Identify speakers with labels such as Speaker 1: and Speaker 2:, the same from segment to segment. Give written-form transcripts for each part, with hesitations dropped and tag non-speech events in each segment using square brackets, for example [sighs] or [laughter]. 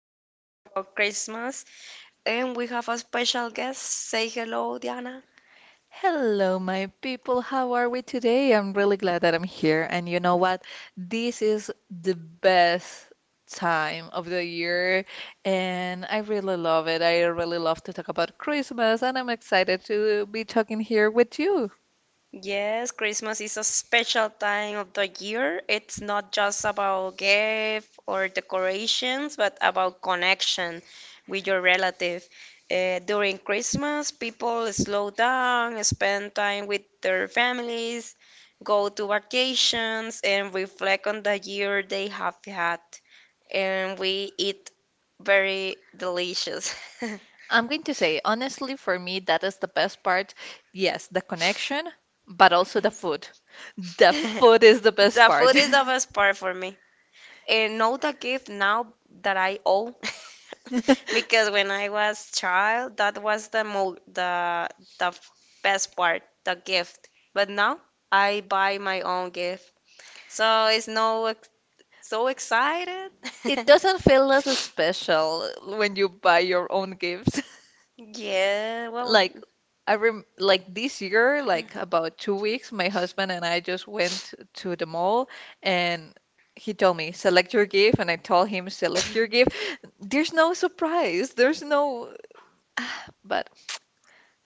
Speaker 1: want to talk about Christmas and we have a special guest. Say hello, Diana.
Speaker 2: Hello, my people. How are we today? I'm really glad that I'm here. And you know what? This is the best time of the year, and I really love it. I really love to talk about Christmas, and I'm excited to be talking here with you.
Speaker 1: Yes, Christmas is a special time of the year. It's not just about gift or decorations, but about connection with your relative. During Christmas, people slow down, spend time with their families, go to vacations, and reflect on the year they have had. And we eat very delicious. [laughs]
Speaker 2: I'm going to say, honestly, for me, that is the best part. Yes, the connection, but also the food. The food is the best
Speaker 1: The
Speaker 2: part.
Speaker 1: food is the best part for me. And know the gift now that I owe,
Speaker 2: [laughs]
Speaker 1: [laughs] because when I was child, that was the best part, the gift. But now I buy my own gift, so it's no ex- so excited.
Speaker 2: It
Speaker 1: [laughs]
Speaker 2: doesn't feel as special when you buy your own gifts. [laughs]
Speaker 1: Yeah, well,
Speaker 2: Like I rem like this year, like about 2 weeks, my husband and I just went to the mall and he told me, select your gift, and I told him, select your gift. There's no surprise. There's no, but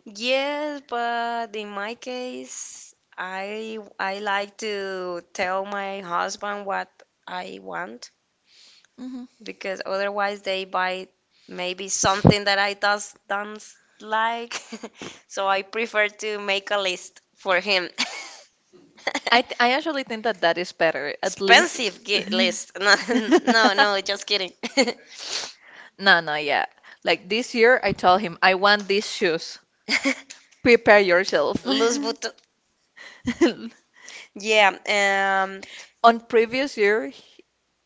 Speaker 1: yes, but in my case, I like to tell my husband what I want
Speaker 2: mhm.
Speaker 1: because otherwise they buy maybe something that I does don't like. [laughs] So I prefer to make a list for him. [laughs]
Speaker 2: I actually think that that is better. At least
Speaker 1: Expensive
Speaker 2: [laughs]
Speaker 1: list. [laughs] No, no, no, just kidding.
Speaker 2: No, no, yeah. Like this year, I told him, I want these shoes.
Speaker 1: [laughs]
Speaker 2: Prepare yourself.
Speaker 1: Los
Speaker 2: [laughs]
Speaker 1: Buto. Yeah.
Speaker 2: On previous year,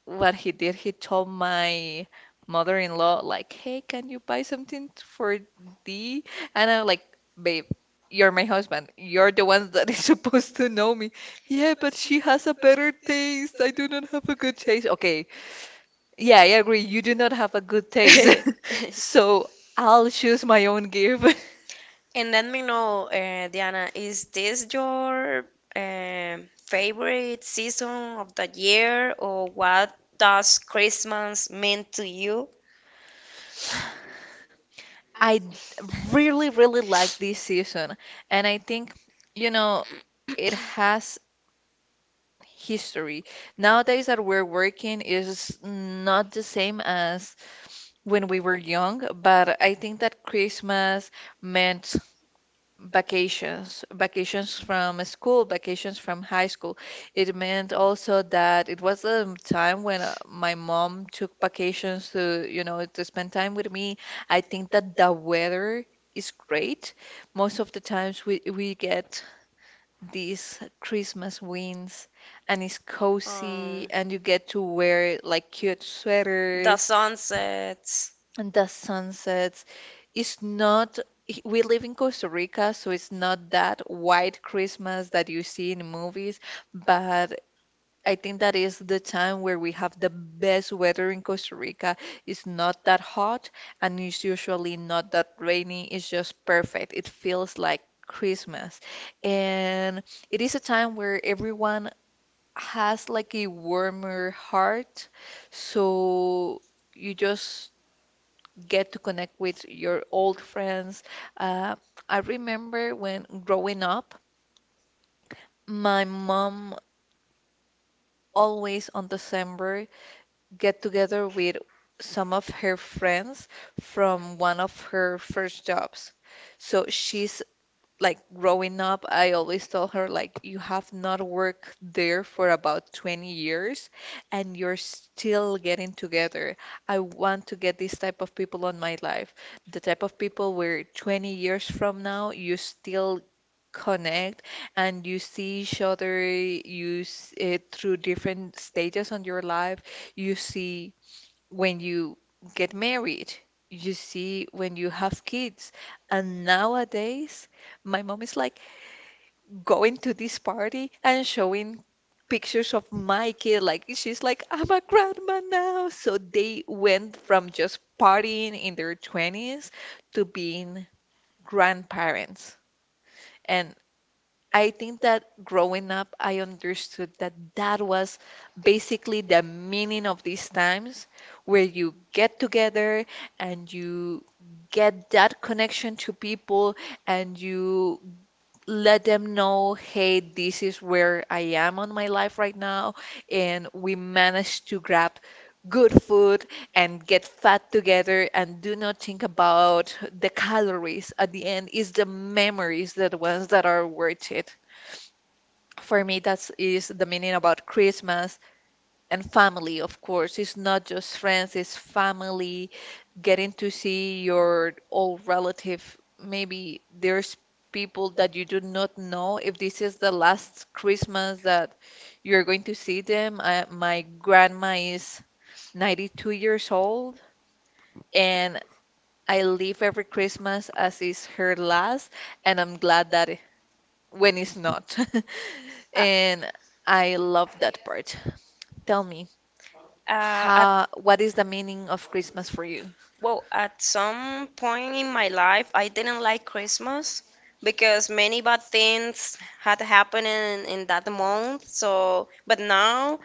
Speaker 2: what he did, he told my mother-in-law, like, hey, can you buy something for D? And I'm like, babe, you're my husband. You're the one that [laughs] is supposed to know me. Yeah, but she has a better taste. I do not have a good taste. Okay. Yeah, I agree. You do not have a good taste. [laughs]
Speaker 1: Um. [laughs]
Speaker 2: So I'll choose my own gift.
Speaker 1: And let me know, Diana, is this your favorite season of the year, or what does Christmas mean to you?
Speaker 2: [laughs] I really, really like this season. And I think, you know, it has history. Nowadays that we're working is not the same as when we were young, but I think that Christmas meant vacations, vacations from school, vacations from high school. It meant also that it was a time when my mom took vacations to, you know, to spend time with me. I think that the weather is great. Most of the times we get these Christmas wings, and it's
Speaker 1: Um,
Speaker 2: cozy and you get to wear like cute
Speaker 1: the
Speaker 2: sweaters
Speaker 1: sunsets.
Speaker 2: and the sunsets. It's not, we live in Costa Rica, so it's not that white Christmas that you see in movies, but I think that is the time where we have the best weather in Costa Rica. It's not that hot and it's usually not that rainy. It's just perfect. It feels like Christmas. And it is a time where everyone has like a warmer heart. So you just get to connect with your old friends. Uh, I remember when growing up, my mom always on December get together with some of her friends from one of her first jobs. So she's like growing up, I always tell her like you have not worked there for about 20 years and you're still getting together. I want to get this type of people on my life. The type of people where 20 years from now you still connect and you see each other, through different stages on your life, you see when you get married, you see when you have kids. And nowadays, my mom is like going to this party and showing pictures of my kid. Like she's like, I'm a grandma now. So they went from just partying in their 20s to being grandparents. And I think that growing up, I understood that that was basically the meaning of these times where you get together and you get that connection to people and you let them know, hey, this is where I am on my life right now. And we managed to grab good food and get fat together and do not think about the calories at the end. It's the memories that ones that are worth it. For me, that is the meaning about Christmas and family, of course. It's not just friends, it's family, getting to see your old relative. Maybe there's people that you do not know. If this is the last Christmas that you're going to see them, my grandma is 92 years old, and I live every Christmas as is her last, and I'm glad that when it's not. [laughs]
Speaker 1: Uh,
Speaker 2: And I love that part. Tell me,
Speaker 1: at
Speaker 2: how, what is the meaning of Christmas for you?
Speaker 1: well, at some point in my life, I didn't like Christmas because many bad things had happened in that month. So, but now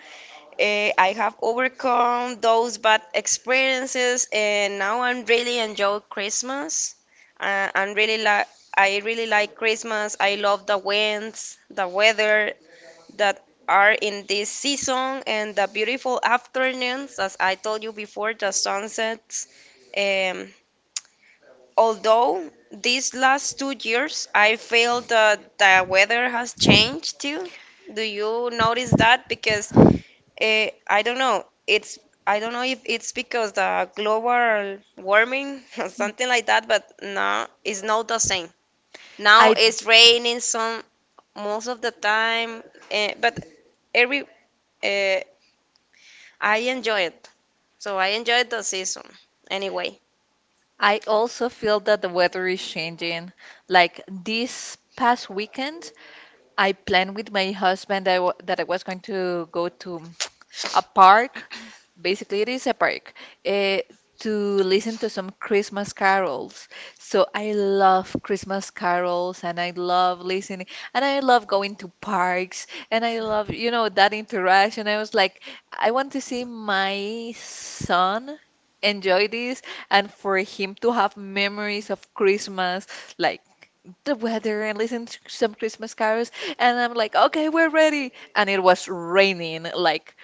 Speaker 1: I have overcome those bad experiences, and now I'm really enjoy Christmas. Uh, I'm really like I really like Christmas. I love the winds, the weather that are in this season, and the beautiful afternoons, as I told you before, the sunsets. Um, Although these last 2 years, I feel that the weather has changed too. Do you notice that? I don't know. It's I don't know if it's because the global warming [laughs] or something like that, but now it's not the same. Now
Speaker 2: I
Speaker 1: it's raining some most of the time, but every eh, I enjoy it. So I enjoyed the season anyway.
Speaker 2: I also feel that the weather is changing. Like this past weekend, I planned with my husband that I was going to go to a park. Basically, it is a park eh, to listen to some Christmas carols. So I love Christmas carols and I love listening and I love going to parks and I love, you know, that interaction. I was like, I want to see my son enjoy this and for him to have memories of Christmas, like the weather and listen to some Christmas carols. And I'm like, okay, we're ready. And it was raining like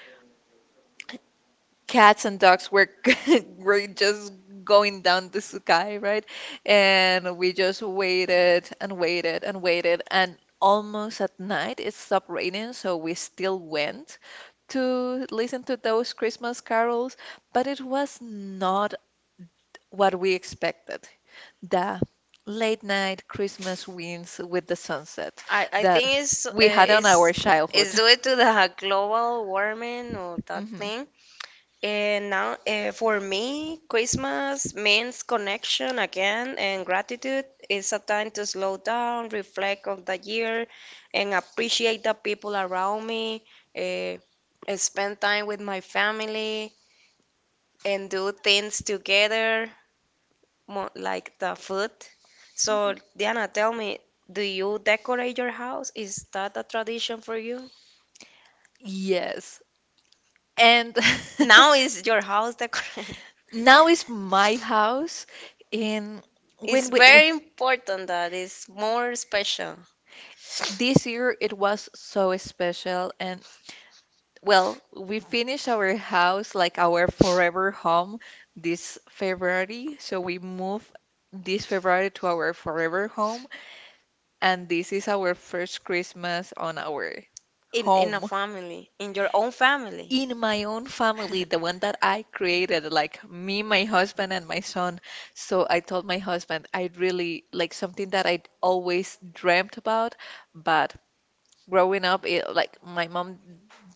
Speaker 2: cats and dogs were [laughs] were just going down the sky, right? And we just waited and waited and waited, and almost at night it stopped raining, so we still went to listen to those Christmas carols, but it was not what we expected. The late night Christmas winds with the sunset
Speaker 1: I
Speaker 2: that
Speaker 1: think it's uh,
Speaker 2: we had on
Speaker 1: it's
Speaker 2: our childhood.
Speaker 1: it's
Speaker 2: [laughs]
Speaker 1: due to the [laughs] global warming or that
Speaker 2: Mhm.
Speaker 1: thing. And now, for me, Christmas means connection again and gratitude. It's a time to slow down, reflect on the year, and appreciate the people around me, uh, spend time with my family, and do things together, mo like the food. So, Diana, tell me, do you decorate your house? Is that a tradition for you?
Speaker 2: Yes. And [laughs]
Speaker 1: Now is your house decorated? [laughs]
Speaker 2: now is my house. And
Speaker 1: It's
Speaker 2: when we w-
Speaker 1: very important that it's more special.
Speaker 2: this year it was so special. And well, we finished our house, like our forever home, this February. So we moved this February to our forever home. And this is our first Christmas on our
Speaker 1: In a
Speaker 2: home.
Speaker 1: family, in your own family.
Speaker 2: In my own family, the one
Speaker 1: [laughs]
Speaker 2: that I created, like me, my husband, and my son. So I told my husband, I really like something that I always dreamt about, but growing up, it, like my mom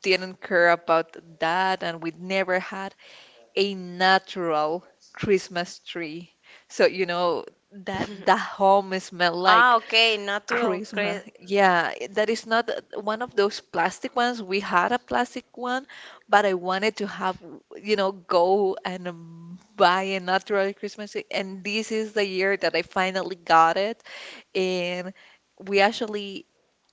Speaker 2: didn't care about that, and we never had a natural Christmas tree. So, you know, that the home smell
Speaker 1: Ah,
Speaker 2: like
Speaker 1: okay, natural
Speaker 2: Christmas.
Speaker 1: cre
Speaker 2: Yeah, that is not a- one of those plastic ones. We had a plastic one, but I wanted to have, you know, go and buy a natural Christmas tree. And this is the year that I finally got it. And we actually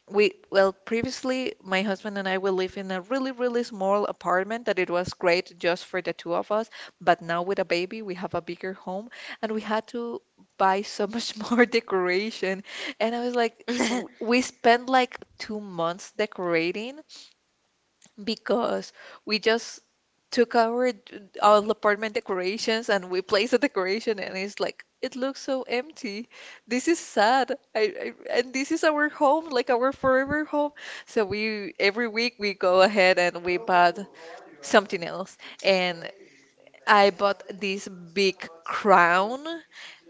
Speaker 2: well, previously, my husband and I will live in a really, really small apartment that it was great just for the two of us. But now with a baby, we have a bigger home and we had to buy so much [laughs] more decoration. And I was like,
Speaker 1: [laughs]
Speaker 2: we spent like 2 months decorating because we just took our d- all apartment decorations and we placed the decoration and it's like it looks so empty. This is sad. I and this is our home, like our forever home. So we every week we go ahead and we bought something else. And I bought this big crown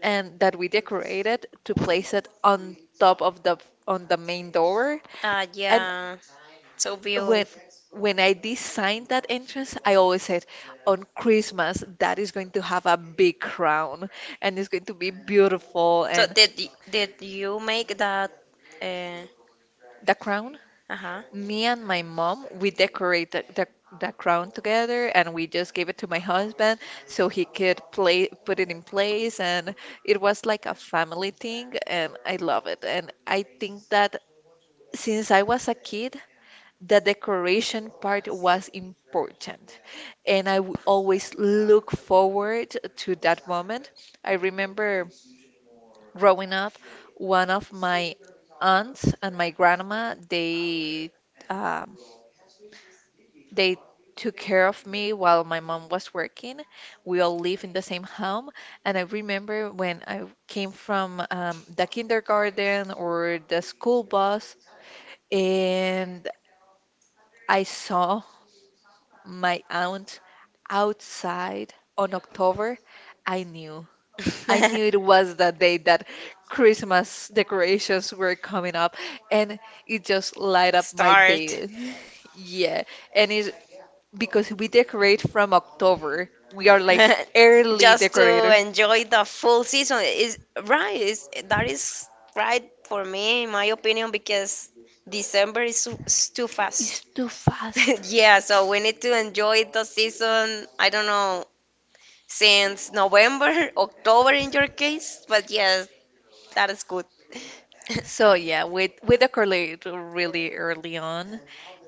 Speaker 2: and that we decorated to place it on top of the on the main door.
Speaker 1: Ah,
Speaker 2: And
Speaker 1: yeah, so
Speaker 2: when
Speaker 1: beautiful.
Speaker 2: when I designed that entrance, I always said, on Christmas, that is going to have a big crown and it's going to be beautiful.
Speaker 1: So
Speaker 2: And
Speaker 1: did you make that? Uh,
Speaker 2: the crown,
Speaker 1: uh-huh.
Speaker 2: me and my mom, we decorated the crown together and we just gave it to my husband so he could play put it in place, and it was like a family thing and I love it. And I think that since I was a kid, the decoration part was important. And I would always look forward to that moment. I remember growing up, one of my aunts and my grandma, um, they took care of me while my mom was working. We all live in the same home, and I remember when I came from the kindergarten or the school bus, and I saw my aunt outside on October, I knew. I knew it
Speaker 1: [laughs]
Speaker 2: was the day that Christmas decorations were coming up, and it just light up my
Speaker 1: Start.
Speaker 2: day. [laughs] Yeah, and it's because we
Speaker 1: [laughs]
Speaker 2: decorate from October. We are like early
Speaker 1: Just to
Speaker 2: decorator.
Speaker 1: enjoy the full season is right for me in my opinion, because December is too fast.
Speaker 2: It's too fast.
Speaker 1: [laughs] Yeah, so we need to enjoy the season. I don't know, since November [laughs] October in your case, but yes, that is good.
Speaker 2: So yeah, we decorate really early on.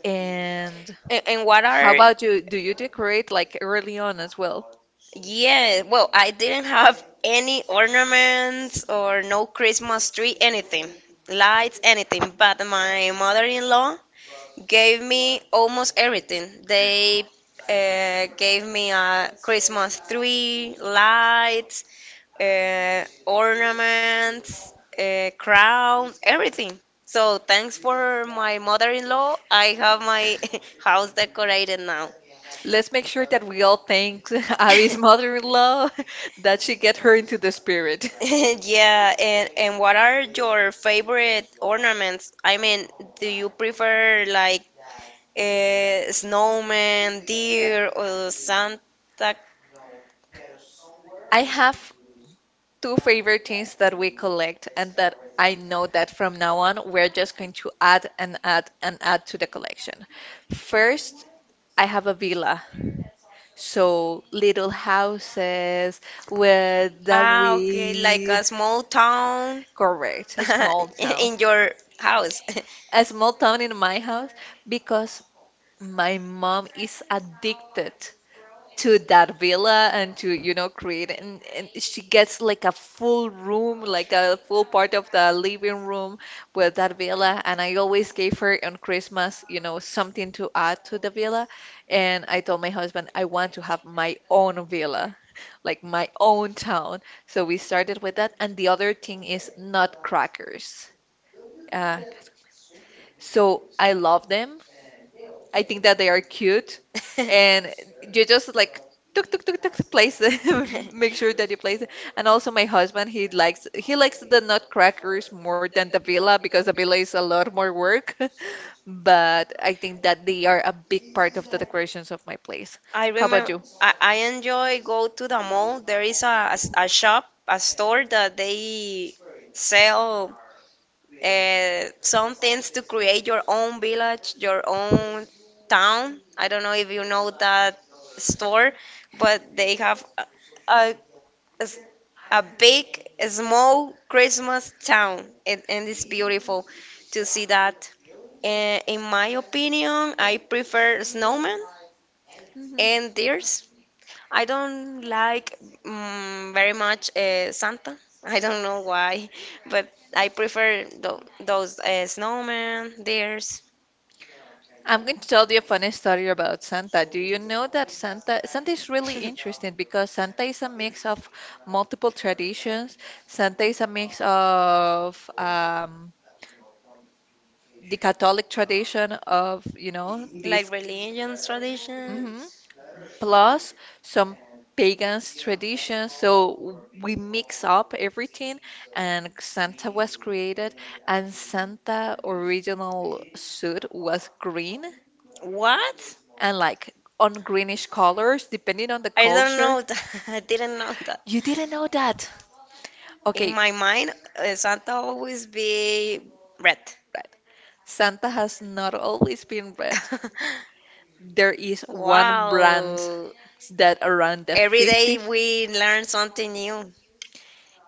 Speaker 2: And
Speaker 1: And what
Speaker 2: how
Speaker 1: are...
Speaker 2: about you? Do you decorate like early on as well?
Speaker 1: Yeah, well, I didn't have any ornaments or no Christmas tree, anything, lights, anything. But my mother-in-law gave me almost everything. They gave me a Christmas tree, lights, ornaments, crowns, everything. So thanks for my mother-in-law. I have my [laughs] house decorated now.
Speaker 2: Let's make sure that we all thank [laughs] Abby's
Speaker 1: [laughs]
Speaker 2: mother-in-law [laughs] that she get her into the spirit.
Speaker 1: [laughs] Yeah, and what are your favorite ornaments? I mean, do you prefer like a snowman, deer, or Santa?
Speaker 2: I have two favorite things that we collect and that I know that from now on we're just going to add and add and add to the collection. First, I have a villa. So little houses with that
Speaker 1: Ah, okay, like
Speaker 2: we
Speaker 1: a small town
Speaker 2: correct, a small
Speaker 1: [laughs]
Speaker 2: town.
Speaker 1: in your house.
Speaker 2: A small town in my house because my mom is addicted to that villa and to, you know, create and she gets like a full room, like a full part of the living room with that villa, and I always gave her on Christmas, you know, something to add to the villa. And I told my husband I want to have my own villa, like my own town. So we started with that, and the other thing is nutcrackers. uh, so I love them. I think that they are cute, and
Speaker 1: [laughs]
Speaker 2: you just like tuk tuk tuk tuk place them, [laughs] make sure that you place it. And also my husband, he likes the nutcrackers more than the villa because the villa is a lot more work. [laughs] But I think that they are a big part of the decorations of my place.
Speaker 1: I
Speaker 2: How about
Speaker 1: remember
Speaker 2: you?
Speaker 1: I enjoy go to the mall. There is a shop, a store that they sell some things to create your own village, your own town. I don't know if you know that store, but they have a, a big, small Christmas town, and it's beautiful to see that. And in my opinion, I prefer snowmen and deers. I don't like very much Santa. [laughs] I don't know why, but I prefer those snowmen, deers,
Speaker 2: I'm going to tell you a funny story about Santa. Do you know that Santa is really interesting because Santa is a mix of multiple traditions. Santa is a mix of the Catholic tradition of, this,
Speaker 1: like religions, tradition.
Speaker 2: mhm, plus some pagans traditions. So we mix up everything, and Santa was created. And Santa original suit was green
Speaker 1: What?
Speaker 2: and like on greenish colors, depending on the
Speaker 1: I don't
Speaker 2: culture.
Speaker 1: know that. [laughs] I didn't know that.
Speaker 2: You didn't know that.
Speaker 1: In
Speaker 2: Okay,
Speaker 1: my mind, Santa always be red.
Speaker 2: right. Santa has not always been red.
Speaker 1: [laughs]
Speaker 2: There is one brand
Speaker 1: Wow.
Speaker 2: that around the
Speaker 1: Every day
Speaker 2: 50s,
Speaker 1: we learn something new.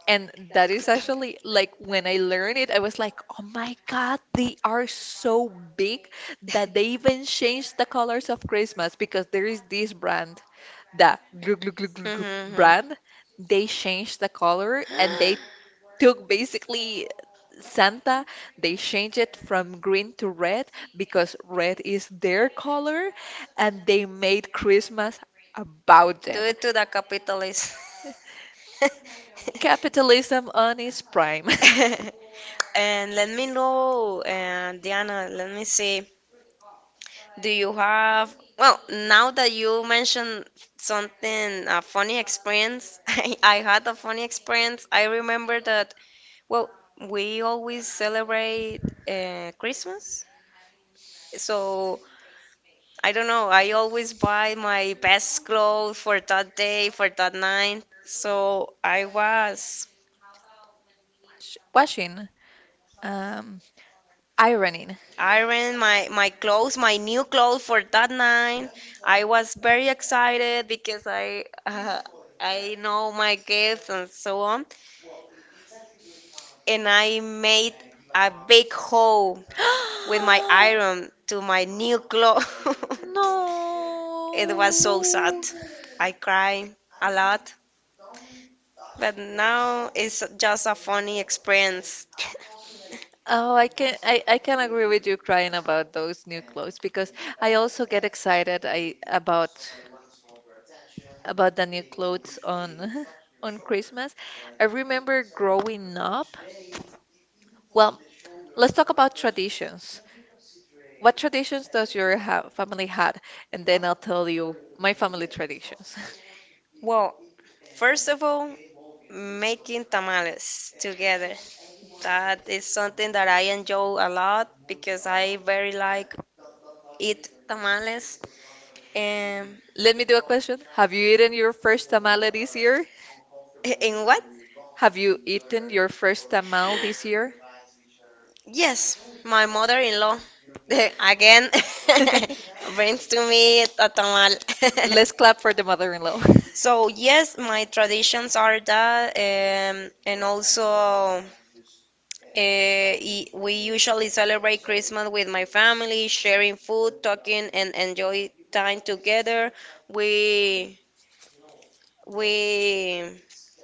Speaker 2: and that is actually like when I learned it, I was like, oh my God, they are so big that they even changed the colors of Christmas because there is this
Speaker 1: [laughs]
Speaker 2: brand, the Glug Glug Glug Glug Glug
Speaker 1: Mm-hmm.
Speaker 2: brand. They changed the color and they
Speaker 1: [gasps]
Speaker 2: took basically Santa. They changed it from green to red because red is their color, and they made Christmas about
Speaker 1: Do
Speaker 2: them.
Speaker 1: it to the capitalist. [laughs]
Speaker 2: Capitalism on its prime. [laughs]
Speaker 1: [laughs] And let me know, Diana, let me see. Do you have, well, now that you mentioned something, a funny experience, [laughs] I had a funny experience. I remember that, well, we always celebrate Christmas. So I don't know. I always buy my best clothes for that day, for that night. So I was
Speaker 2: Washing, um, ironing.
Speaker 1: iron my clothes, my new clothes for that night. I was very excited because I [laughs] I know my gifts and so on. And I made a big hole with
Speaker 2: [gasps]
Speaker 1: my iron to my new clothes. [laughs] It was so sad.
Speaker 2: No.
Speaker 1: I cried a lot, but now it's just a funny experience.
Speaker 2: Oh, I can agree with you crying about those new clothes because I also get excited I about the new clothes on [laughs] on Christmas. I remember growing up. Well, let's talk about traditions. What traditions does your ha family had? And then I'll tell you my family traditions.
Speaker 1: Well, first of all, making tamales together. That is something that I enjoy a lot because I very like eat tamales. Um,
Speaker 2: [laughs] Let me do a question. Have you eaten your first tamale this year?
Speaker 1: [laughs] in what?
Speaker 2: Have you eaten your first tamal this year?
Speaker 1: Yes, my mother-in-law [laughs] again
Speaker 2: [laughs]
Speaker 1: [laughs] brings to me a tamal.
Speaker 2: Let's
Speaker 1: [laughs]
Speaker 2: clap for the mother-in-law. [laughs]
Speaker 1: So yes, my traditions are that, and also. We usually celebrate Christmas with my family, sharing food, talking, and enjoy time together. We we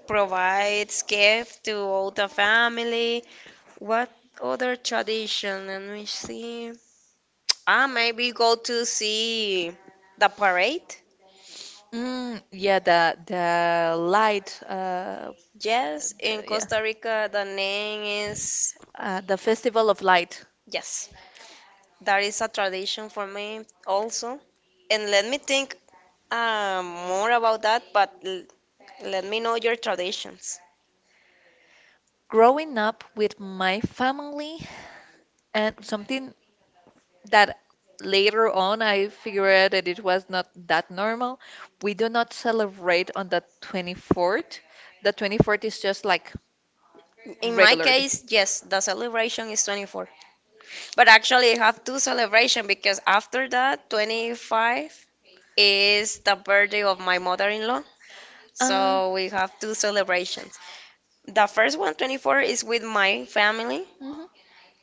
Speaker 1: provide gifts to all the family. What other tradition? Let me see. Ah, maybe go to see the parade.
Speaker 2: Mm, yeah, the light,
Speaker 1: Yes, in
Speaker 2: yeah,
Speaker 1: Costa Rica, the name is
Speaker 2: the Festival of Light.
Speaker 1: yes. That is a tradition for me also. And let me think. More about that, but let me know your traditions.
Speaker 2: Growing up with my family and something that later on I figured out that it was not that normal. We do not celebrate on the 24th. The 24th is just like
Speaker 1: In my
Speaker 2: regularly.
Speaker 1: case, yes, the celebration is 24. But actually, I have two celebrations because after that, 25 is the birthday of my mother-in-law.
Speaker 2: Uh,
Speaker 1: So we have two celebrations. The first one, 24, is with my family,
Speaker 2: mhm.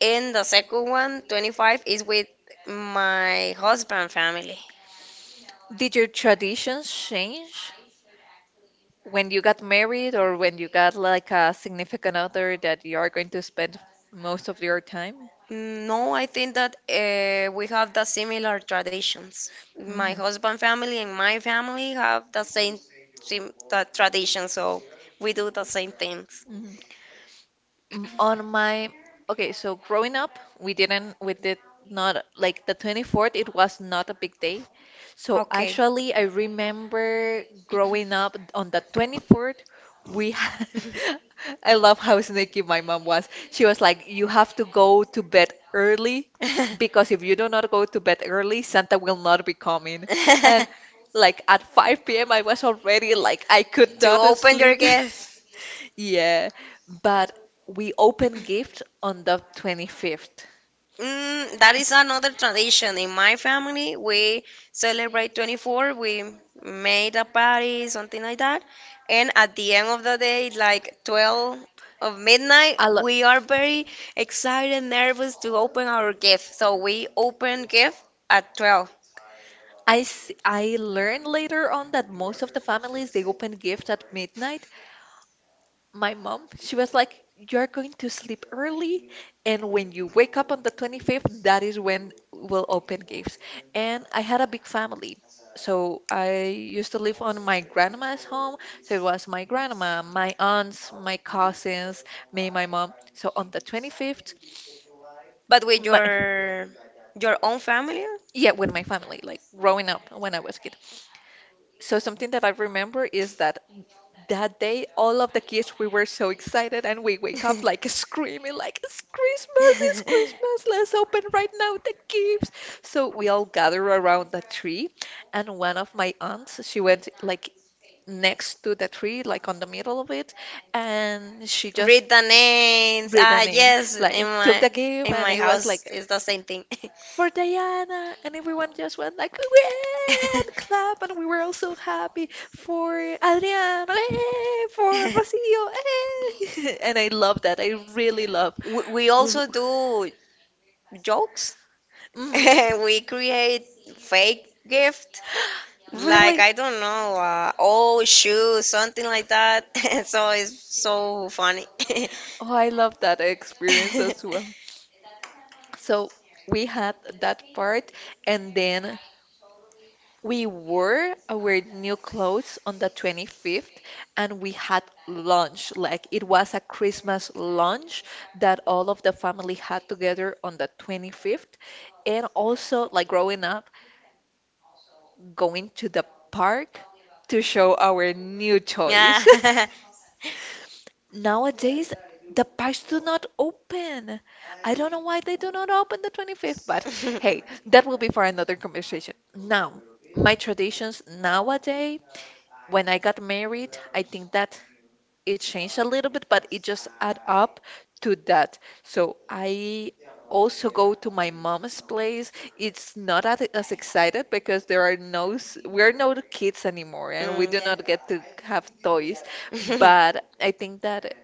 Speaker 1: and the second one, 25, is with my husband family.
Speaker 2: Did your traditions change when you got married or when you got like a significant other that you are going to spend most of your time?
Speaker 1: Mm, no, I think that we have the similar traditions. My
Speaker 2: Hmm.
Speaker 1: husband family and my family have the same sim the tradition, so we do the same things.
Speaker 2: m- on my Okay, so growing up we did not like the 24th. It was not a big day. So
Speaker 1: Okay.
Speaker 2: actually, I remember growing up on the 24th. We
Speaker 1: [laughs]
Speaker 2: [laughs] I love how sneaky my mom was. She was like, you have to go to bed early, because if you do not go to bed early, Santa will not be coming. And
Speaker 1: [laughs]
Speaker 2: like at 5 p.m., I was already like, I could
Speaker 1: To
Speaker 2: not
Speaker 1: open your
Speaker 2: sleep. [laughs]
Speaker 1: gift.
Speaker 2: Yeah, but we open gift on the 25th.
Speaker 1: Mm, that is another tradition. In my family, we celebrate 24. We made a party, something like that. And at the end of the day, like 12 of midnight,
Speaker 2: A lot.
Speaker 1: we are very excited, nervous to open our gift. So we open gift at 12.
Speaker 2: I learned later on that most of the families they open gift at midnight. My mom, she was like, "You're going to sleep early, and when you wake up on the 25th, that is when we'll open gifts." And I had a big family. So I used to live on my grandma's home. So it was my grandma, my aunts, my cousins, me, my mom. So on the 25th,
Speaker 1: But with
Speaker 2: my
Speaker 1: your own family?
Speaker 2: yeah, with my family, like growing up when I was a kid. So something that I remember is that that day, all of the kids, we were so excited, and we wake up like screaming, like, it's Christmas, it's
Speaker 1: [laughs]
Speaker 2: Christmas, let's open right now the gifts. So we all gather around the tree, and one of my aunts, she went like next to the tree, like on the middle of it, and she just
Speaker 1: Read the names.
Speaker 2: read the
Speaker 1: Ah,
Speaker 2: name,
Speaker 1: yes, in
Speaker 2: like took
Speaker 1: my
Speaker 2: the gift,
Speaker 1: in
Speaker 2: and
Speaker 1: my
Speaker 2: it was
Speaker 1: house
Speaker 2: like,
Speaker 1: it's the same thing.
Speaker 2: for Diana, and everyone just went like, "Way!" and clap, and we were all so happy. For Adriana, "Way!" For
Speaker 1: [laughs]
Speaker 2: Rocio, "Way!" [laughs] And I love that. I really love.
Speaker 1: We also do jokes. [laughs]
Speaker 2: Hmm.
Speaker 1: We create fake gift like
Speaker 2: Really,
Speaker 1: I don't know, oh shoes, something like that. [laughs] So it's so funny.
Speaker 2: oh, I love that experience as well.
Speaker 1: [laughs]
Speaker 2: So we had that part, and then we wore our new clothes on the 25th, and we had lunch. Like it was a Christmas lunch that all of the family had together on the 25th. And also, like growing up, going to the park to show our new toys.
Speaker 1: Yeah. [laughs]
Speaker 2: [laughs] Nowadays, the parks do not open. I don't know why they do not open the 25th, but hey, that will be for another conversation. Now, my traditions nowadays. When I got married, I think that it changed a little bit, but it just add up to that. So I also go to my mom's place. It's not as excited because there are no we're no kids anymore, and we
Speaker 1: Mm,
Speaker 2: do
Speaker 1: yeah.
Speaker 2: not get to have toys. But I
Speaker 1: [laughs]
Speaker 2: think that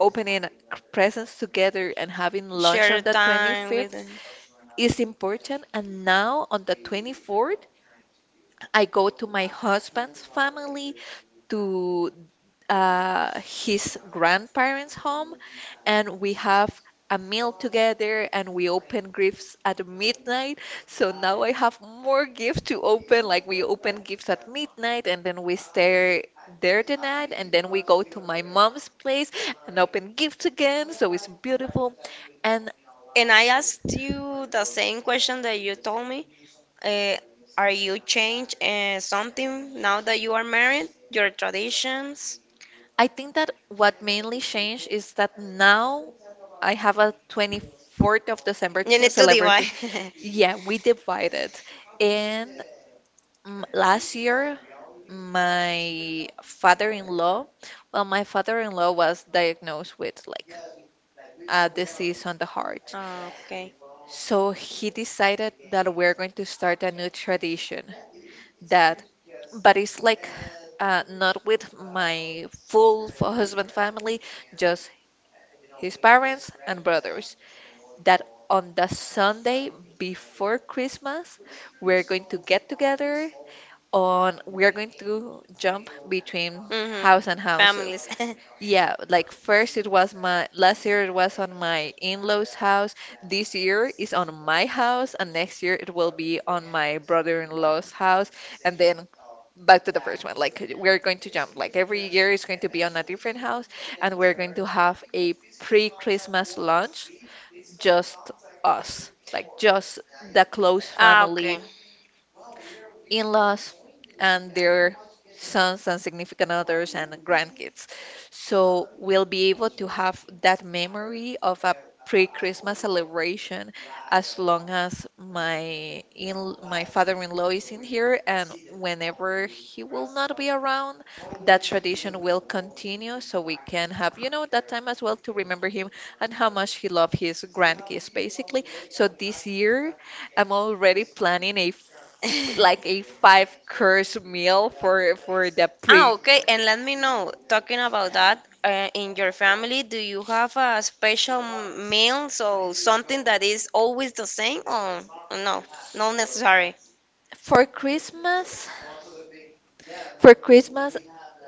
Speaker 2: opening presents together and having lunch
Speaker 1: Share
Speaker 2: on the
Speaker 1: time with
Speaker 2: 25th
Speaker 1: them.
Speaker 2: is important. And now on the 24th, I go to my husband's family to his grandparents' home, and we have a meal together and we open gifts at midnight. So now I have more gifts to open. Like we open gifts at midnight and then we stay there the night and then we go to my mom's place and open gifts again. So it's beautiful. And
Speaker 1: And I asked you the same question that you told me. Uh, are you changed something now that you are married? Your traditions?
Speaker 2: I think that what mainly changed is that now I have a 24th of December
Speaker 1: You need to divide.
Speaker 2: celebration.
Speaker 1: [laughs]
Speaker 2: Yeah, we divided. And last year, my father-in-law, well, my father-in-law was diagnosed with like a disease on the heart.
Speaker 1: Okay.
Speaker 2: So he decided that we're going to start a new tradition that, but it's like not with my full husband family, just his parents and brothers. That on the Sunday before Christmas, we're going to get together on we are going to jump between house
Speaker 1: Mm-hmm.
Speaker 2: and house.
Speaker 1: Families.
Speaker 2: Yeah, like first, it was my last year it was on my in-laws' house. This year is on my house, and next year it will be on my brother-in-law's house, and then back to the first one. Like we're going to jump. Like every year is going to be on a different house, and we're going to have a pre-Christmas lunch, just us, like just the close
Speaker 1: [laughs] Ah, okay.
Speaker 2: family, in-laws and their sons and significant others and grandkids. So we'll be able to have that memory of a pre-Christmas celebration as long as my in my father-in-law is in here, and whenever he will not be around, that tradition will continue so we can have that time as well to remember him and how much he loved his grandkids, basically. So this year I'm already planning a like a five
Speaker 1: [laughs]
Speaker 2: course meal for the
Speaker 1: Ah,
Speaker 2: pre
Speaker 1: okay. And let me know, talking about that, in your family, do you have a special meal? So something that is always the same, or no, not necessary.
Speaker 2: for Christmas. For Christmas,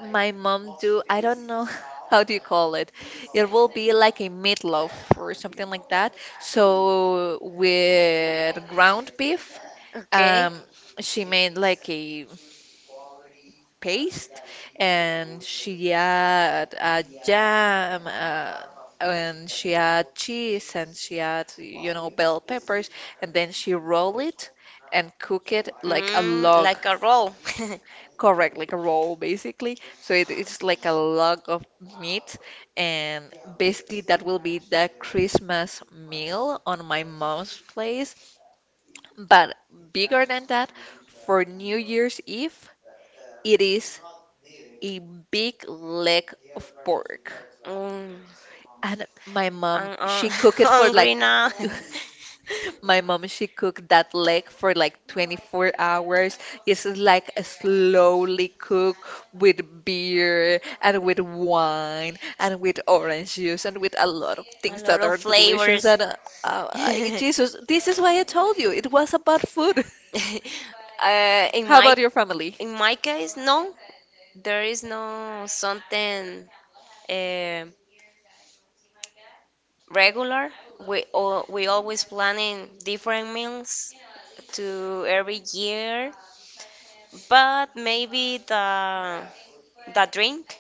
Speaker 2: my mom do I don't know [laughs] how do you call it. It will be like a meatloaf or something like that. So with ground beef,
Speaker 1: Okay.
Speaker 2: um, she made like a paste, and she had jam, and she had cheese, and she had bell peppers, and then she roll it and cook it like a
Speaker 1: Mm,
Speaker 2: log.
Speaker 1: like a roll. [laughs]
Speaker 2: Correct, like a roll basically. So it's like a log of meat, and basically that will be the Christmas meal on my mom's place. But bigger than that, for New Year's Eve, it is a big leg of pork.
Speaker 1: Mm,
Speaker 2: And my mom,
Speaker 1: I'm [laughs]
Speaker 2: she cooked it for
Speaker 1: hungry
Speaker 2: like,
Speaker 1: now.
Speaker 2: [laughs]
Speaker 1: [laughs]
Speaker 2: my mom, she cooked that leg for like 24 hours. It's like a slowly cook with beer and with wine and with orange juice and with a lot of
Speaker 1: A
Speaker 2: things
Speaker 1: lot
Speaker 2: that
Speaker 1: of
Speaker 2: are delicious.
Speaker 1: flavors.
Speaker 2: And
Speaker 1: [laughs]
Speaker 2: Jesus, this is why I told you it was about food.
Speaker 1: Uh,
Speaker 2: [laughs]
Speaker 1: in
Speaker 2: How
Speaker 1: my
Speaker 2: about your family?
Speaker 1: In my case, no, there is no something eh, regular. We always planning different meals to every year, but maybe the drink.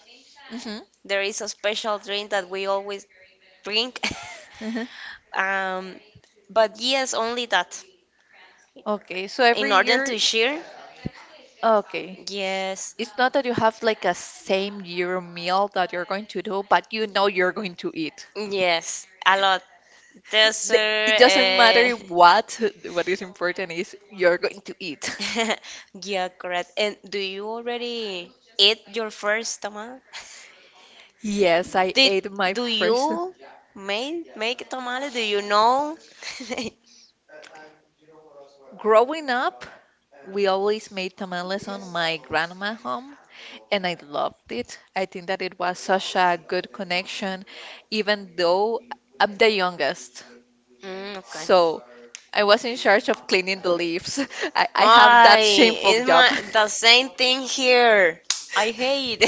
Speaker 1: There is a special drink that we always drink. [laughs]
Speaker 2: Hmm.
Speaker 1: Um, but yes, only that.
Speaker 2: Okay, so
Speaker 1: In
Speaker 2: every
Speaker 1: order
Speaker 2: year,
Speaker 1: to share,
Speaker 2: okay.
Speaker 1: yes,
Speaker 2: It's not that you have like a same year meal that you're going to do, but you know you're going to eat.
Speaker 1: yes, a lot.
Speaker 2: The- It
Speaker 1: Dessert,
Speaker 2: doesn't matter
Speaker 1: [laughs]
Speaker 2: what. What is important is you're going to eat. [laughs]
Speaker 1: [laughs] Yeah, correct. And do you already eat your first tamale?
Speaker 2: Yes, I
Speaker 1: Did
Speaker 2: ate my
Speaker 1: Do
Speaker 2: first.
Speaker 1: you make tamale? Do you know? [laughs]
Speaker 2: Growing up, we always made tamales on my grandma home, and I loved it. I think that it was such a good connection, even though I'm the youngest.
Speaker 1: Mm, okay.
Speaker 2: So I was in charge of cleaning the leaves. [laughs] I have
Speaker 1: Why?
Speaker 2: that shameful
Speaker 1: It's
Speaker 2: job. [laughs]
Speaker 1: my the same thing here. I hate.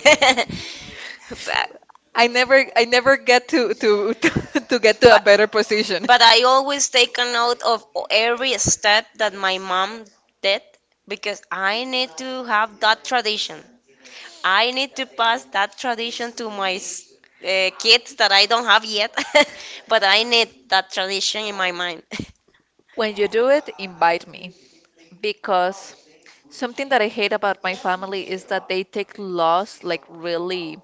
Speaker 1: [laughs] But
Speaker 2: I never get to [laughs] to get to a
Speaker 1: but
Speaker 2: better position.
Speaker 1: I always take a note of every step that my mom did because I need to have that tradition. I need to pass that tradition to my kids that I don't have yet, [laughs] but I need that tradition in my mind. [gasps]
Speaker 2: When you do it, invite me because something that I hate about my family is that they take loss like really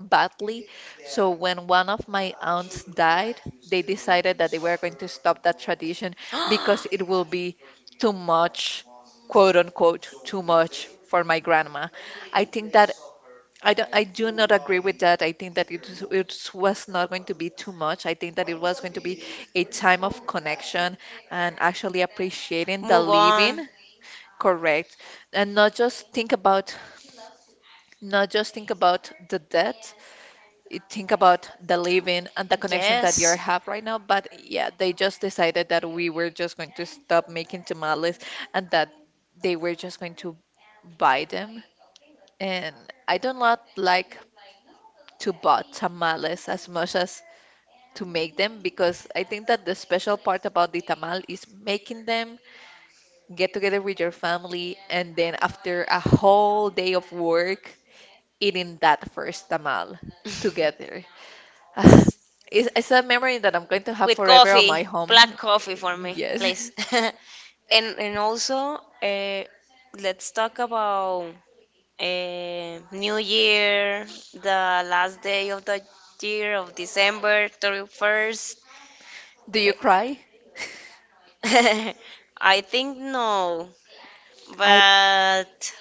Speaker 2: badly. So when one of my aunts died, they decided that they were going to stop that tradition because it will be too much, quote unquote, too much for my grandma. I think that I do not agree with that. I think that it was not going to be too much. I think that it was going to be a time of connection and actually appreciating the
Speaker 1: Move
Speaker 2: living,
Speaker 1: on.
Speaker 2: correct? And not just think about the debt, think about the living and the connection that you
Speaker 1: Yes.
Speaker 2: have right now. But yeah, they just decided that we were just going to stop making tamales and that they were just going to buy them. And I do not like to buy tamales as much as to make them because I think that the special part about the tamal is making them, get together with your family, and then after a whole day of work, eating that first tamal
Speaker 1: [laughs]
Speaker 2: together. [sighs] Ah, it's a memory that I'm going to have
Speaker 1: With
Speaker 2: forever on
Speaker 1: coffee,
Speaker 2: my home.
Speaker 1: black coffee for me,
Speaker 2: Yes.
Speaker 1: please. [laughs] And also, let's talk about New Year, the last day of the year of December 31st.
Speaker 2: [laughs] Do you cry?
Speaker 1: [laughs] I think no,
Speaker 2: I
Speaker 1: but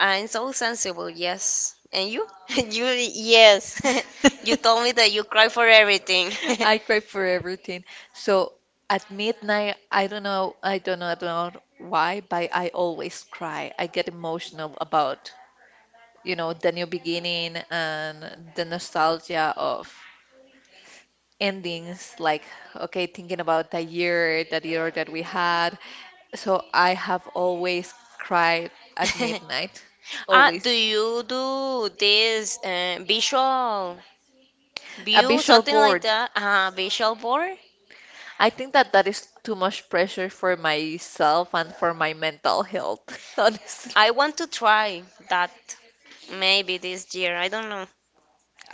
Speaker 1: I'm so sensible, yes. And you? [laughs] You, yes. [laughs] You told me that you cry for everything.
Speaker 2: [laughs] I cry for everything. So at midnight, I don't know, I don't know, I don't know why, but I always cry. I get emotional about, you know, the new beginning and the nostalgia of endings, like, okay, thinking about the year that we had. So I have always cried at
Speaker 1: [laughs]
Speaker 2: midnight,
Speaker 1: Ah, do
Speaker 2: always.
Speaker 1: you do this visual
Speaker 2: A
Speaker 1: view,
Speaker 2: visual
Speaker 1: something like
Speaker 2: board.
Speaker 1: that? Ah, visual board?
Speaker 2: I think that that is too much pressure for myself and for my mental health, [laughs] honestly.
Speaker 1: I want to try that maybe this year. I don't know.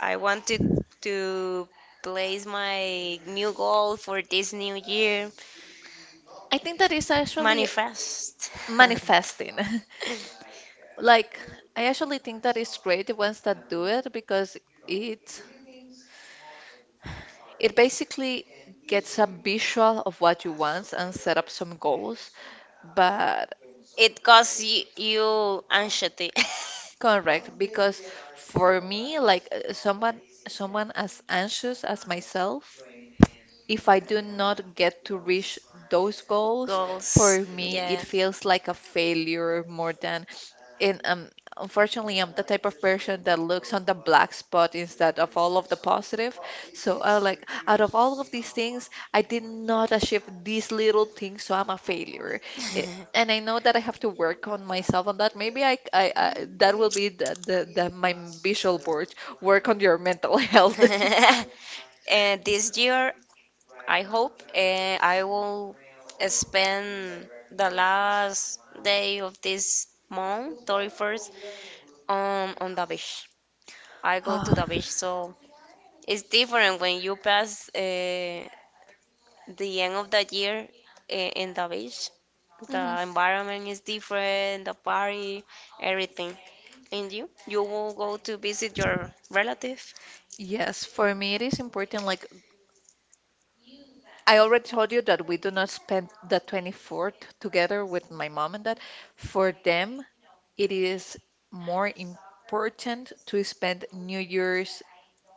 Speaker 1: I want to place my new goal for this new year.
Speaker 2: I think that is actually
Speaker 1: Manifest. [laughs]
Speaker 2: manifesting. [laughs] Like, I actually think that it's great the ones that do it because it it basically gets a visual of what you want and set up some goals. But
Speaker 1: It causes you anxiety.
Speaker 2: correct, because for me, like someone as anxious as myself, if I do not get to reach those
Speaker 1: [laughs]
Speaker 2: goals, for
Speaker 1: Goals.
Speaker 2: me, it
Speaker 1: Yeah.
Speaker 2: feels like a failure more than. And unfortunately, I'm the type of person that looks on the black spot instead of all of the positive. So, I like out of all of these things, I did not achieve these little things, so I'm a failure. It, and I know that I have to work on myself on that. Maybe I that will be the my visual board. Work
Speaker 1: [laughs]
Speaker 2: on your mental [laughs] health.
Speaker 1: And this year, I hope I will spend the last day of this month, 31st, on the beach. I go to the
Speaker 2: [laughs]
Speaker 1: beach, so it's different when you pass the end of the year in the beach. The
Speaker 2: Ah.
Speaker 1: environment is different, the party, everything. And you will go to visit your relative?
Speaker 2: Yes, for me it is important. Like I already told you that we do not spend the 24th together with my mom and dad. For them, it is more important to spend New Year's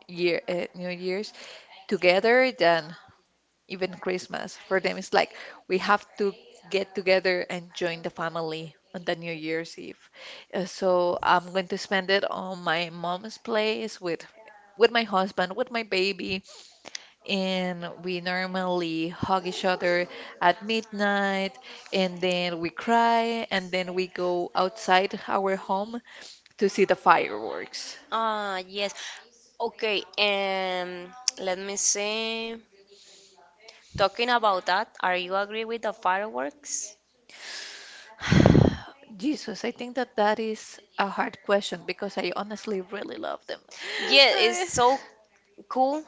Speaker 2: year uh, New Year's together than even Christmas. For them, it's like we have to get together and join the family on the New Year's Eve. So I'm going to spend it on my mom's place with my husband, with my baby and we normally hug each other at midnight and then we cry and then we go outside our home to see the fireworks.
Speaker 1: Ah, yes. Okay, let me see. Talking about that, are you agree with the fireworks?
Speaker 2: [sighs] Jesus, I think that that is a hard question because I honestly really love them.
Speaker 1: Yeah, it's
Speaker 2: [laughs]
Speaker 1: so cool,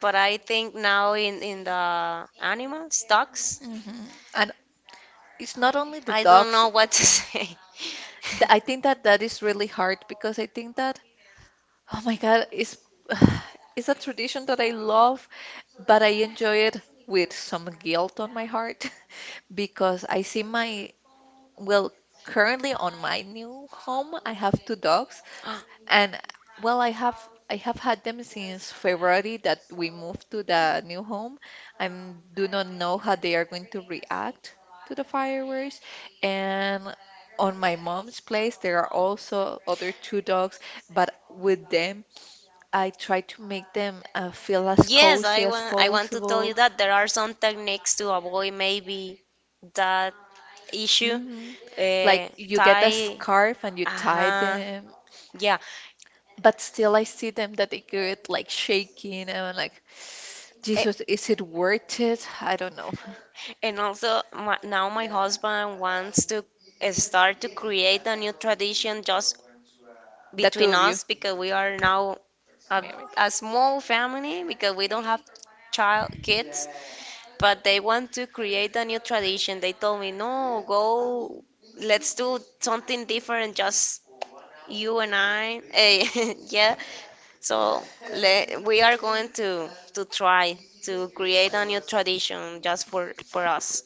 Speaker 1: but I think now in the animal stocks,
Speaker 2: Mhm. And it's not only the
Speaker 1: I don't
Speaker 2: dogs.
Speaker 1: know what to [laughs]
Speaker 2: bec-
Speaker 1: say.
Speaker 2: I think that that is really hard because I think that oh my God, it's [sighs] it's a tradition that I love, but I enjoy it with some guilt on my heart [laughs] because I see my, well, currently on my new home, I have two dogs,
Speaker 1: [gasps]
Speaker 2: and well, I have had them since February that we moved to the new home. I do not know how they are going to react to the fireworks, and on my mom's place there are also other two dogs, but with them. I try to make them feel as
Speaker 1: Yes,
Speaker 2: cozy as
Speaker 1: I want to tell you
Speaker 2: possible.
Speaker 1: that there are some techniques to avoid maybe that issue.
Speaker 2: Hmm.
Speaker 1: Uh,
Speaker 2: Like you get a
Speaker 1: Tie.
Speaker 2: scarf and you tie
Speaker 1: uh
Speaker 2: them,
Speaker 1: Yeah.
Speaker 2: but still I see them that they get like shaking and I'm like,
Speaker 1: A-
Speaker 2: Jesus, is it worth it? I don't know.
Speaker 1: And also my, now my husband wants to start to create a new tradition just
Speaker 2: The two
Speaker 1: between
Speaker 2: of you,
Speaker 1: us, because we are now a,
Speaker 2: maybe.
Speaker 1: a small family because we don't have child kids. But they want to create a new tradition. They told me, no, go, let's do something different, just you and I. [laughs] Yeah, so we are going to try to create a new tradition just for us.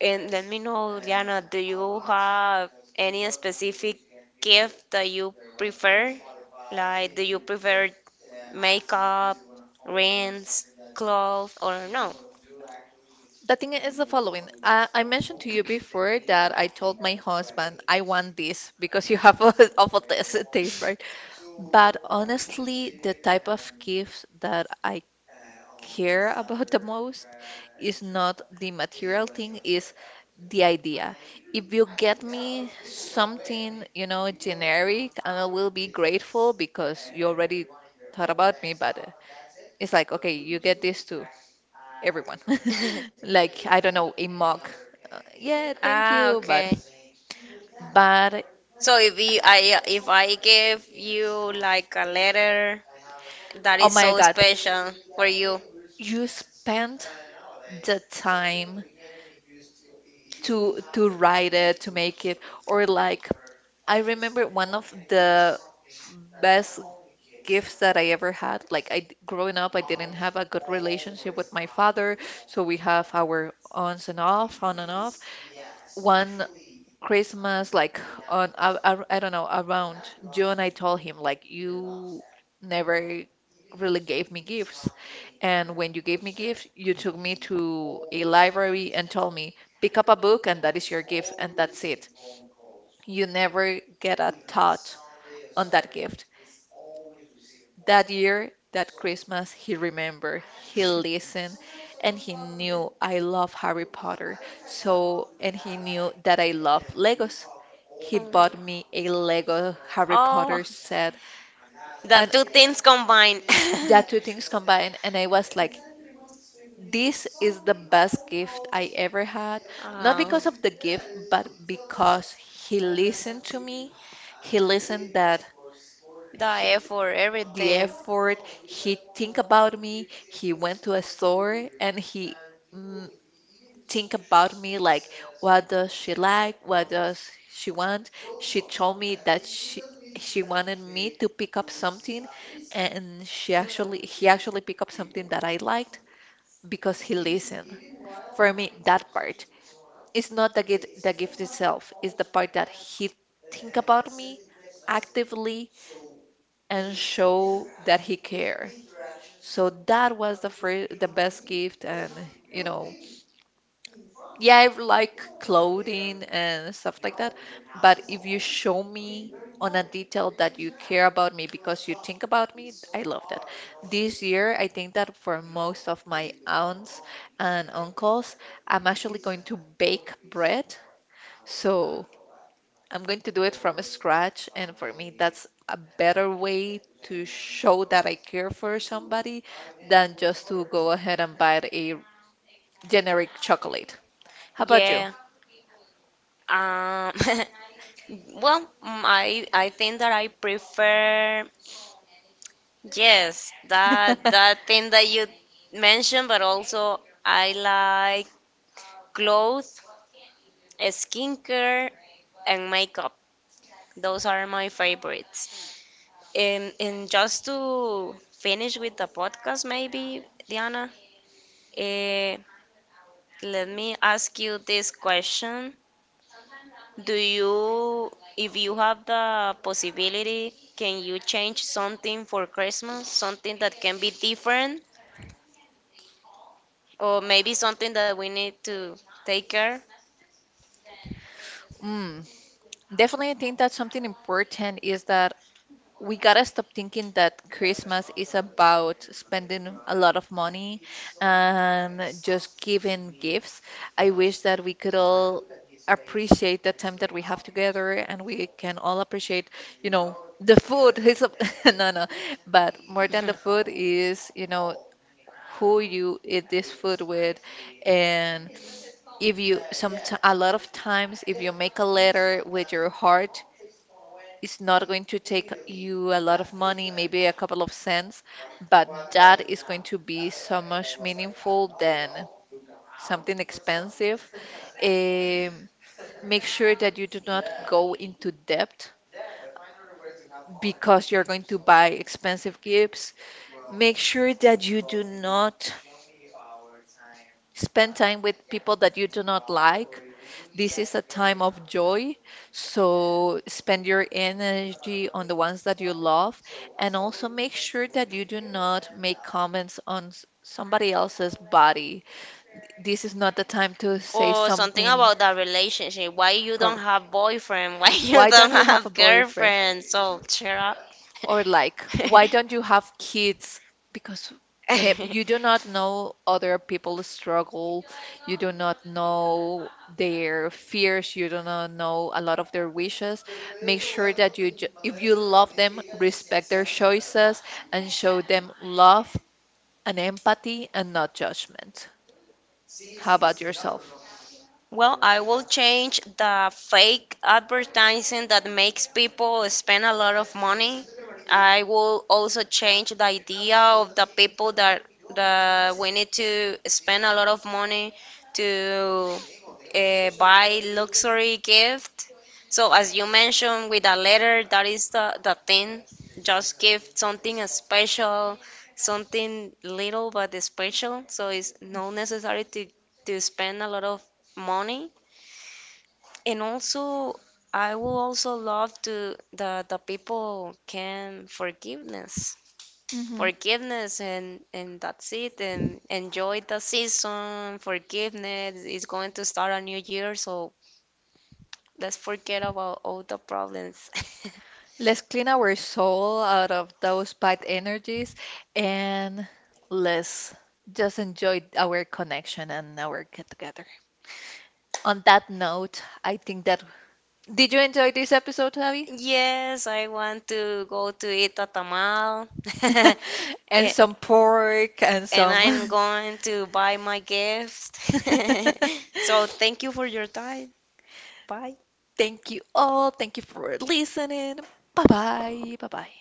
Speaker 1: And let me know, Diana, do you have any specific gift that you prefer? Like, do you prefer makeup, rings, clothes, or no?
Speaker 2: The thing is the following. I mentioned to you before that I told my husband I want this because you have [laughs] a awful taste, right? But honestly, the type of gifts that I care about [laughs] the most is not the material thing, is the idea. If you get me something, you know, generic, I will be grateful because you already thought about me, but it's like, okay, you get this to everyone. [laughs]
Speaker 1: [laughs]
Speaker 2: Like, I don't know, a mug. Yeah, thank
Speaker 1: Ah,
Speaker 2: you,
Speaker 1: okay.
Speaker 2: but but
Speaker 1: So if I give you like a letter that
Speaker 2: oh
Speaker 1: is
Speaker 2: my
Speaker 1: so
Speaker 2: God,
Speaker 1: special for you.
Speaker 2: you spent the time to write it, to make it, or like I remember one of the best gifts that I ever had. Like I growing up, I didn't have a good relationship with my father, so we have our on and off. One Christmas, like on I don't know, around June, I told him like you never really gave me gifts, and when you gave me gifts, you took me to a library and told me pick up a book and that is your gift and that's it. You never get a thought on that gift. That year, that Christmas, he remembered, he listened, and he knew I love Harry Potter. So, and he knew that I love Legos. He
Speaker 1: Mm.
Speaker 2: bought me a Lego Harry
Speaker 1: Oh,
Speaker 2: Potter set,
Speaker 1: the
Speaker 2: and
Speaker 1: two things combined. [laughs]
Speaker 2: yeah, two things combined. And I was like, this is the best gift I ever had. Not
Speaker 1: Oh,
Speaker 2: because of the gift, but because he listened to me. He listened that
Speaker 1: the
Speaker 2: he-
Speaker 1: effort,
Speaker 2: the
Speaker 1: everything.
Speaker 2: effort. He think about me. He went to a store and he mm, think about me like, what does she like? What does she want? She told me that she wanted me to pick up something, and she actually he actually picked up something that I liked because he listened. For me, that part is not the gift itself. It's the part that he think about me actively and show that he cares. So that was the first, the best gift, and you know, yeah, I like clothing and stuff like that. But if you show me on a detail that you care about me because you think about me, I love that. This year, I think that for most of my aunts and uncles, I'm actually going to bake bread. So I'm going to do it from scratch, and for me, that's a better way to show that I care for somebody than just to go ahead and buy a generic chocolate. How about you?
Speaker 1: Yeah. Um, [laughs] Well, I think that I prefer yes that thing
Speaker 2: [laughs]
Speaker 1: that you mentioned, but also I like clothes, skincare, and makeup. Those are my favorites. And just to finish with the podcast, maybe Diana, eh, let me ask you this question: Do you, if you have the possibility, can you change something for Christmas? Something that can be different, or maybe something that we need to take care,
Speaker 2: Mm, definitely, I think that something important is that we gotta stop thinking that Christmas is about spending a lot of money and just giving gifts. I wish that we could all appreciate the time that we have together and we can all appreciate, you know, the food. [laughs] It's a- [laughs] no, no, but more than the food
Speaker 1: [laughs]
Speaker 2: is, you know, who you eat this food with and if you some a lot of times if you make a letter with your heart, it's not going to take you a lot of money, maybe a couple of cents, but that is going to be so much meaningful than something expensive. Um, make sure that you do not go into debt because you're going to buy expensive gifts. Make sure that you do not spend time with people that you do not like. This is a time of joy, so spend your energy on the ones that you love, and also make sure that you do not make comments on somebody else's body. This is not the time to say
Speaker 1: or something
Speaker 2: something.
Speaker 1: about the relationship. Why you don't
Speaker 2: cor-
Speaker 1: have boyfriend? [laughs] Why you
Speaker 2: Why
Speaker 1: don't
Speaker 2: don't you have a
Speaker 1: have
Speaker 2: boyfriend?
Speaker 1: girlfriend? So cheer up.
Speaker 2: Or like, why don't you have kids? Because maybe you do not
Speaker 1: [laughs]
Speaker 2: know other people's
Speaker 1: [laughs]
Speaker 2: struggle. You do not know their fears. You do not know a lot of their wishes. Make sure that you, if you love them, respect their choices and show them love and empathy and not judgment. How about yourself?
Speaker 1: Well, I will change the fake advertising that makes people spend a lot of money. I will also change the idea of the people that we need to spend a lot of money to buy luxury gift. So as you mentioned with a letter, that is the thing. Just give something special, something little but special. So it's not necessary to spend a lot of money, and also I will also love to the people can forgiveness,
Speaker 2: Hmm.
Speaker 1: and that's it, and enjoy the season. Forgiveness is going to start a new year, so let's forget about all the problems. [laughs]
Speaker 2: Let's clean our soul out of those bad energies and let's just enjoy our connection and our get together. On that note, I think that did you enjoy this episode, Abby?
Speaker 1: Yes, I want to go to eat a tamal. [laughs]
Speaker 2: [laughs] And
Speaker 1: Eh,
Speaker 2: some pork and
Speaker 1: and I'm
Speaker 2: some. [laughs]
Speaker 1: going to buy my gift, [laughs] so thank you for your time. Bye.
Speaker 2: Thank you all. Thank you for listening. Bye bye. Bye bye.